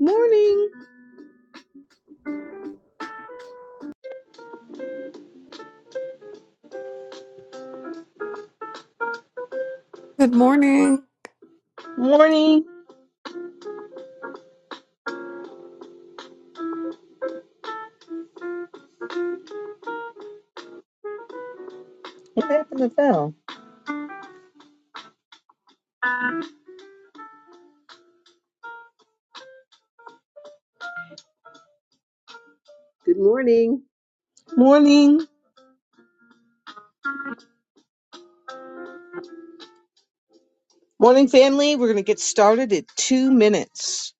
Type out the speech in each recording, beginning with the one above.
Morning. Good morning. Morning. What happened to Val? Good morning. Morning. Morning, family. We're going to get started in two minutes.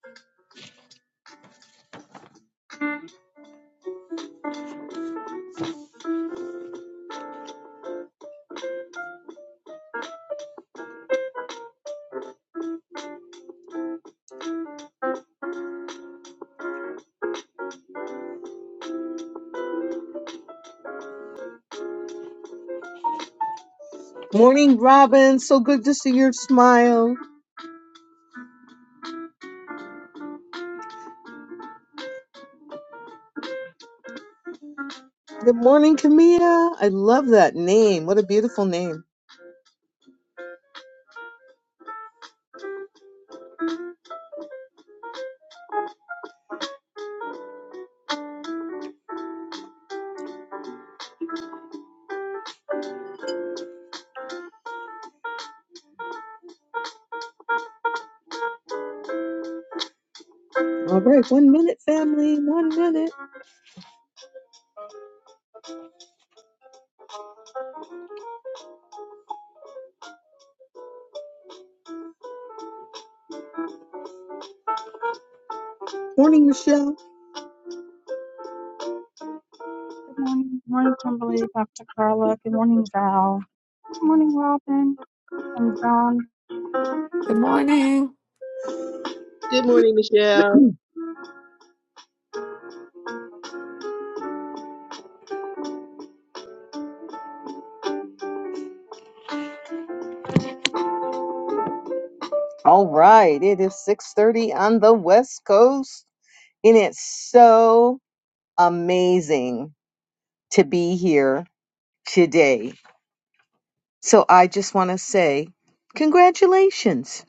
Morning, Robin. So good to see your smile. Good morning, Camilla. I love that name. What a beautiful name. All right. One minute, family. One minute. Morning, Michelle. Good morning. Good morning, Kimberly, Dr. Carla. Good morning, Val. Good morning, Robin and John. Good morning. Good morning, Michelle. All right. It is 6.30 on the West Coast. And it's so amazing to be here today. So I just want to say, congratulations.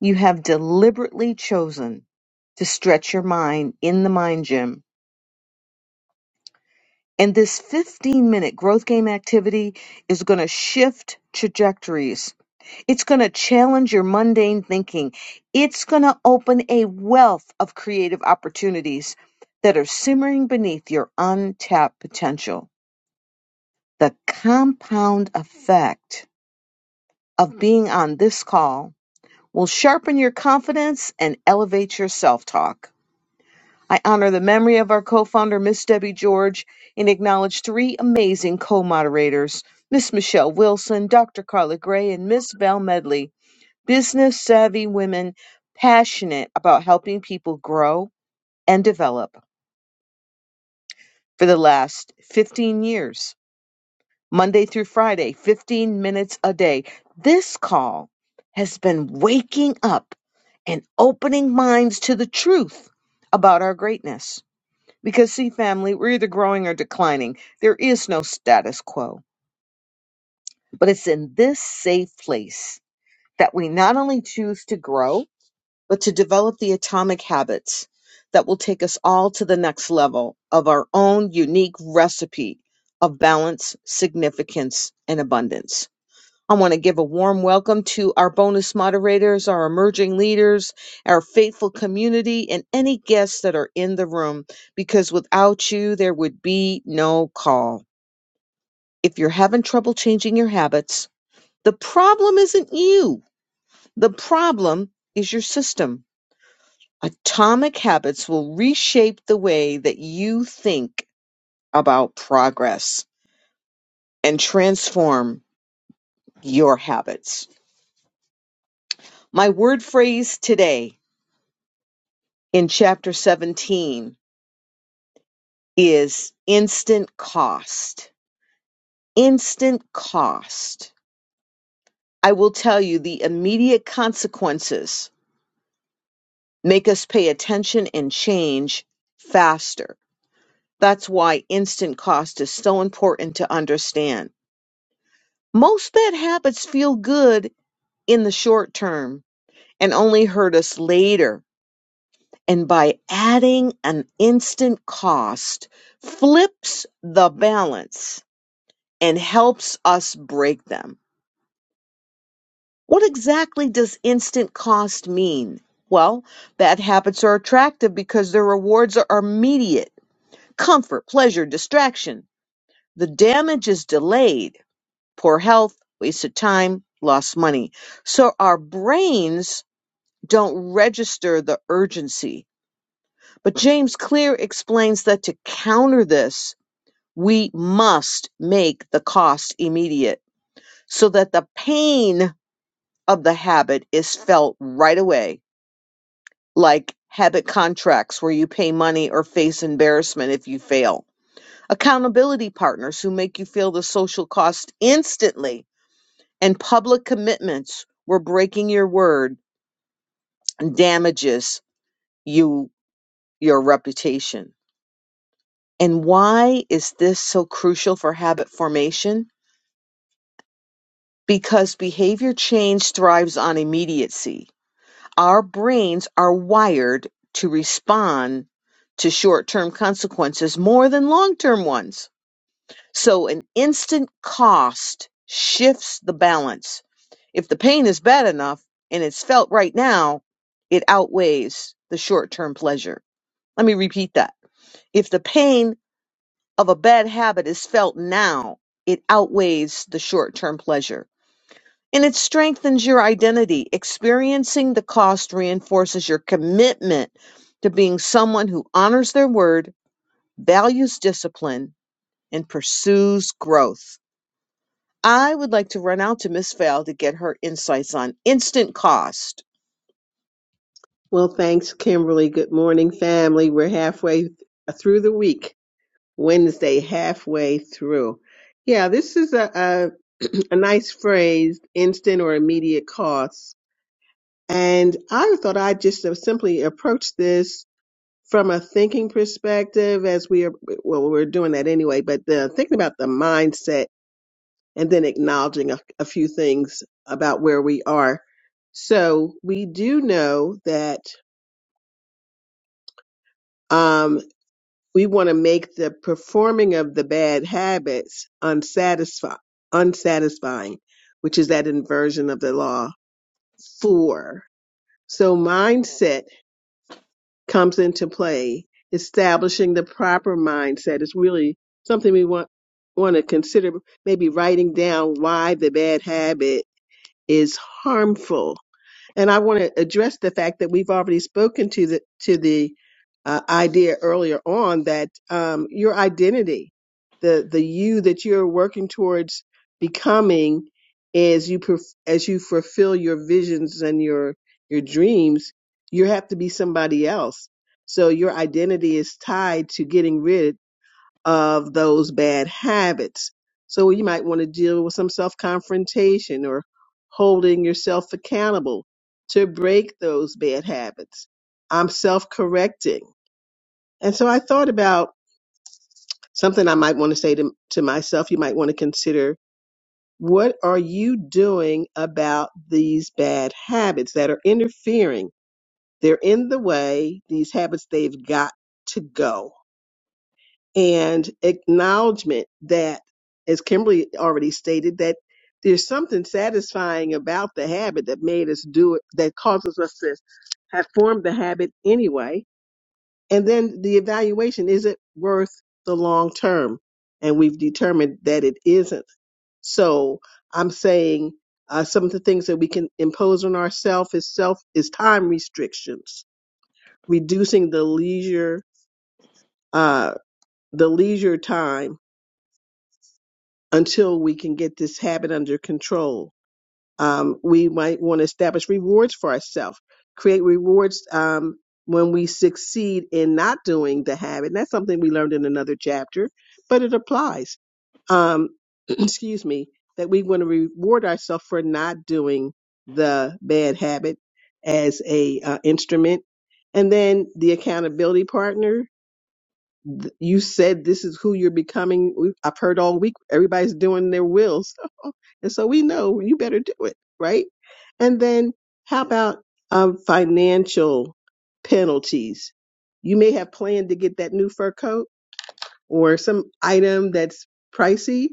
You have deliberately chosen to stretch your mind in the mind gym. And this 15 minute growth game activity is going to shift trajectories. It's going to challenge your mundane thinking. It's going to open a wealth of creative opportunities that are simmering beneath your untapped potential. The compound effect of being on this call will sharpen your confidence and elevate your self talk. I honor the memory of our co founder, Miss Debbie George, and acknowledge three amazing co moderators Miss Michelle Wilson, Dr. Carla Gray, and Miss Val Medley, business savvy women passionate about helping people grow and develop for the last 15 years. Monday through Friday, 15 minutes a day. This call has been waking up and opening minds to the truth about our greatness. Because, see, family, we're either growing or declining. There is no status quo. But it's in this safe place that we not only choose to grow, but to develop the atomic habits that will take us all to the next level of our own unique recipe of balance, significance, and abundance. I want to give a warm welcome to our bonus moderators, our emerging leaders, our faithful community, and any guests that are in the room, because without you, there would be no call. If you're having trouble changing your habits, the problem isn't you, the problem is your system. Atomic habits will reshape the way that you think about progress and transform your habits. My word phrase today in chapter 17 is instant cost. Instant cost. I will tell you the immediate consequences make us pay attention and change faster. That's why instant cost is so important to understand. Most bad habits feel good in the short term and only hurt us later. And by adding an instant cost flips the balance and helps us break them. What exactly does instant cost mean? Well, bad habits are attractive because their rewards are immediate comfort, pleasure, distraction. The damage is delayed, poor health, wasted time, lost money. So our brains don't register the urgency. But James Clear explains that to counter this, we must make the cost immediate so that the pain of the habit is felt right away, like habit contracts where you pay money or face embarrassment if you fail, accountability partners who make you feel the social cost instantly, and public commitments where breaking your word damages you your reputation. And why is this so crucial for habit formation? Because behavior change thrives on immediacy Our brains are wired to respond to short term consequences more than long term ones. So an instant cost shifts the balance. If the pain is bad enough and it's felt right now, it outweighs the short term pleasure. Let me repeat that. If the pain of a bad habit is felt now, it outweighs the short term pleasure and it strengthens your identity. Experiencing the cost reinforces your commitment to being someone who honors their word, values discipline, and pursues growth. I would like to run out to Miss Val to get her insights on instant cost. Well, thanks, Kimberly. Good morning, family. We're halfway th- through the week. Wednesday, halfway through. Yeah, this is a, a a nice phrase, instant or immediate costs. And I thought I'd just have simply approach this from a thinking perspective as we are, well, we're doing that anyway, but the, thinking about the mindset and then acknowledging a, a few things about where we are. So we do know that um, we want to make the performing of the bad habits unsatisfi- unsatisfying, which is that inversion of the law. Four. So mindset comes into play. Establishing the proper mindset is really something we want want to consider. Maybe writing down why the bad habit is harmful And I want to address the fact that we've already spoken to the to the uh, idea earlier on that um, your identity, the the you that you're working towards becoming, as you perf- as you fulfill your visions and your your dreams, you have to be somebody else. So your identity is tied to getting rid of those bad habits. So you might want to deal with some self confrontation or holding yourself accountable to break those bad habits. I'm self correcting. And so I thought about something I might want to say to, to myself. You might want to consider what are you doing about these bad habits that are interfering? They're in the way. These habits, they've got to go and acknowledgement that, as Kimberly already stated, that there's something satisfying about the habit that made us do it, that causes us to have formed the habit anyway. And then the evaluation is it worth the long term? And we've determined that it isn't. So I'm saying uh, some of the things that we can impose on ourselves is self is time restrictions, reducing the leisure uh, the leisure time until we can get this habit under control. Um, we might want to establish rewards for ourselves, create rewards um, when we succeed in not doing the habit. And that's something we learned in another chapter, but it applies. Um, excuse me, that we want to reward ourselves for not doing the bad habit as a uh, instrument, and then the accountability partner th- you said this is who you're becoming. We- I've heard all week everybody's doing their wills, and so we know you better do it right. And then how about um, financial penalties? You may have planned to get that new fur coat or some item that's pricey.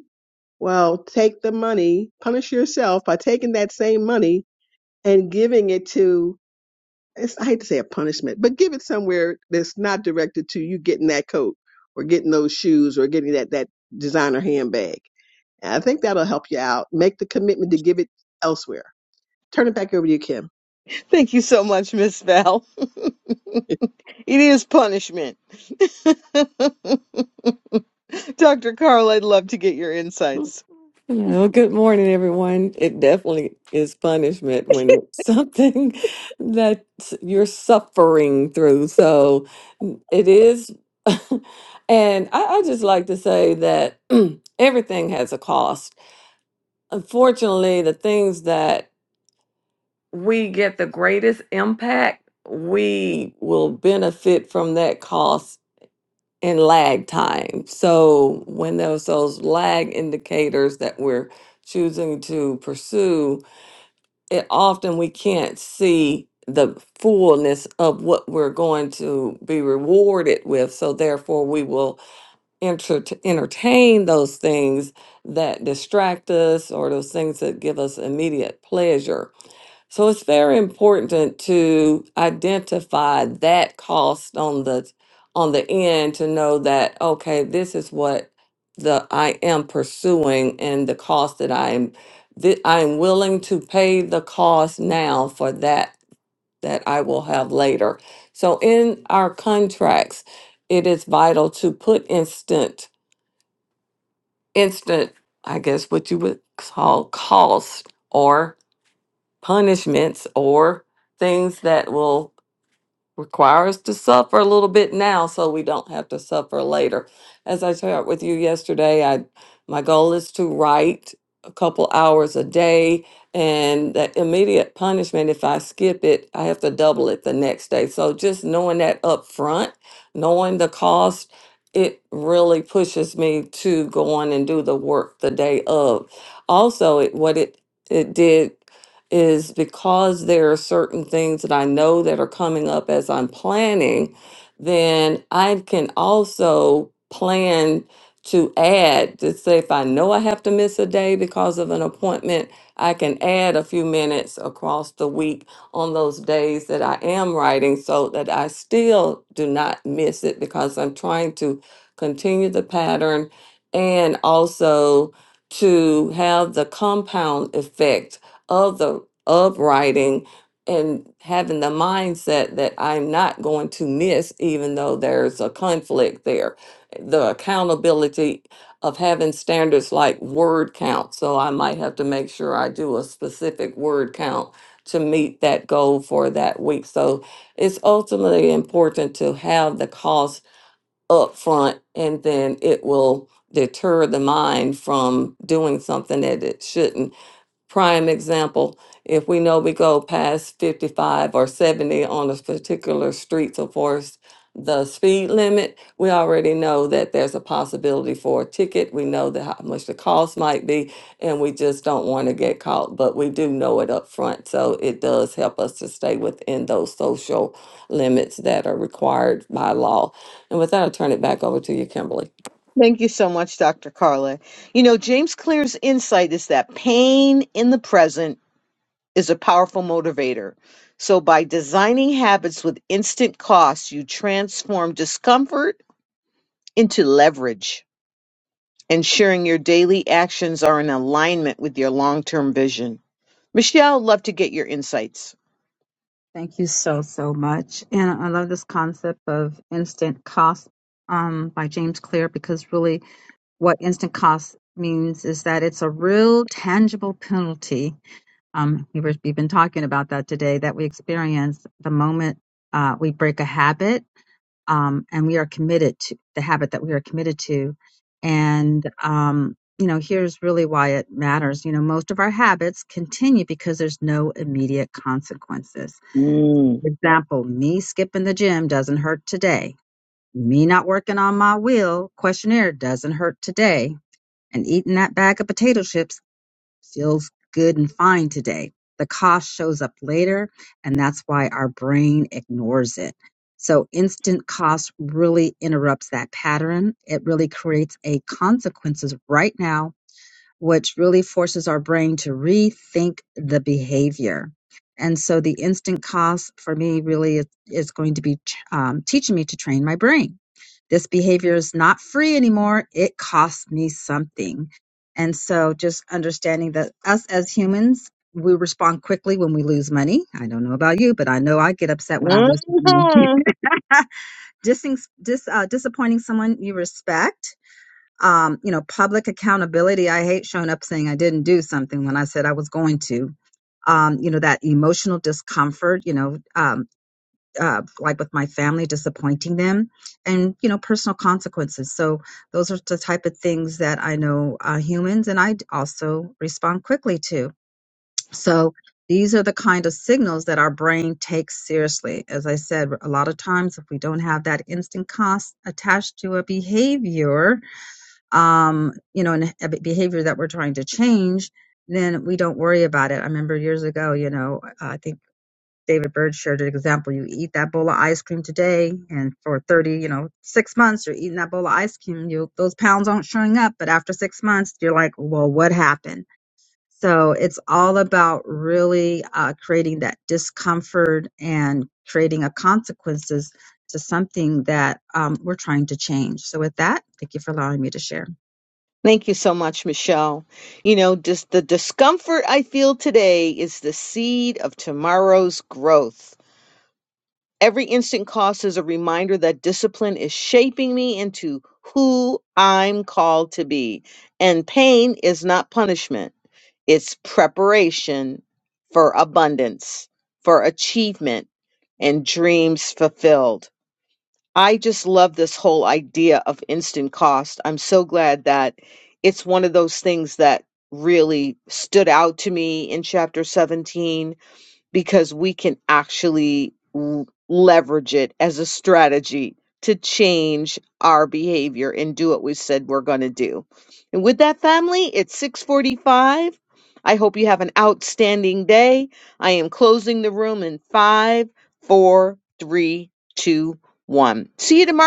Well, take the money, punish yourself by taking that same money and giving it to it's, I hate to say a punishment, but give it somewhere that's not directed to you getting that coat or getting those shoes or getting that that designer handbag. And I think that'll help you out. Make the commitment to give it elsewhere. Turn it back over to you, Kim. Thank you so much, Miss Val. It is punishment. Dr. Carl, I'd love to get your insights. Hello. Good morning, everyone. It definitely is punishment when it's something that you're suffering through. So it is. And I, I just like to say that everything has a cost. Unfortunately, the things that we get the greatest impact, we will benefit from that cost in lag time. So when there's those lag indicators that we're choosing to pursue, it often we can't see the fullness of what we're going to be rewarded with. So therefore we will enter- entertain those things that distract us or those things that give us immediate pleasure so it's very important to identify that cost on the on the end to know that okay, this is what the I am pursuing and the cost that I am that I am willing to pay the cost now for that that I will have later. So in our contracts, it is vital to put instant instant, I guess what you would call cost or punishments or things that will require us to suffer a little bit now so we don't have to suffer later. As I shared with you yesterday, I my goal is to write a couple hours a day and that immediate punishment if I skip it, I have to double it the next day. So just knowing that up front, knowing the cost, it really pushes me to go on and do the work the day of. Also, it, what it it did is because there are certain things that I know that are coming up as I'm planning, then I can also plan to add to say if I know I have to miss a day because of an appointment, I can add a few minutes across the week on those days that I am writing so that I still do not miss it because I'm trying to continue the pattern and also to have the compound effect of the of writing and having the mindset that I'm not going to miss, even though there's a conflict there. The accountability of having standards like word count. So I might have to make sure I do a specific word count to meet that goal for that week. So it's ultimately important to have the cost up front and then it will deter the mind from doing something that it shouldn't prime example, if we know we go past 55 or 70 on a particular street, so far as the speed limit, we already know that there's a possibility for a ticket. We know that how much the cost might be, and we just don't want to get caught, but we do know it up front. So it does help us to stay within those social limits that are required by law. And with that, I'll turn it back over to you, Kimberly. Thank you so much, Dr. Carla. You know, James Clear's insight is that pain in the present is a powerful motivator. So, by designing habits with instant costs, you transform discomfort into leverage, ensuring your daily actions are in alignment with your long term vision. Michelle, love to get your insights. Thank you so, so much. And I love this concept of instant cost um, by James Clear because really what instant cost means is that it's a real tangible penalty. Um, we were, we've been talking about that today that we experience the moment uh, we break a habit um, and we are committed to the habit that we are committed to. And, um, you know, here's really why it matters. You know, most of our habits continue because there's no immediate consequences. Mm. For example, me skipping the gym doesn't hurt today. Me not working on my wheel questionnaire doesn't hurt today. And eating that bag of potato chips feels good and fine today. The cough shows up later, and that's why our brain ignores it. So, instant cost really interrupts that pattern. It really creates a consequences right now which really forces our brain to rethink the behavior. And so the instant cost for me really is, is going to be um, teaching me to train my brain. This behavior is not free anymore. It costs me something. And so just understanding that us as humans, we respond quickly when we lose money. I don't know about you, but I know I get upset when I lose money. Mhm. Dissing, dis, uh, disappointing someone you respect um, you know, public accountability. I hate showing up saying I didn't do something when I said I was going to. Um, you know, that emotional discomfort, you know, um, uh, like with my family, disappointing them, and, you know, personal consequences. So those are the type of things that I know uh, humans and I d- also respond quickly to. So these are the kind of signals that our brain takes seriously. As I said, a lot of times, if we don't have that instant cost attached to a behavior, um, you know, and a behavior that we're trying to change, then we don't worry about it. I remember years ago, you know, I think David Bird shared an example. You eat that bowl of ice cream today, and for 30, you know, six months, you're eating that bowl of ice cream. You those pounds aren't showing up, but after six months, you're like, well, what happened? So it's all about really uh, creating that discomfort and creating a consequences to something that um, we're trying to change. So with that, thank you for allowing me to share. Thank you so much, Michelle. You know, just the discomfort I feel today is the seed of tomorrow's growth. Every instant cost is a reminder that discipline is shaping me into who I'm called to be. And pain is not punishment. It's preparation for abundance, for achievement, and dreams fulfilled. I just love this whole idea of instant cost. I'm so glad that it's one of those things that really stood out to me in chapter 17 because we can actually l- leverage it as a strategy to change our behavior and do what we said we're going to do. And with that family, it's 6:45. I hope you have an outstanding day. I am closing the room in five, four, three, two, one. See you tomorrow.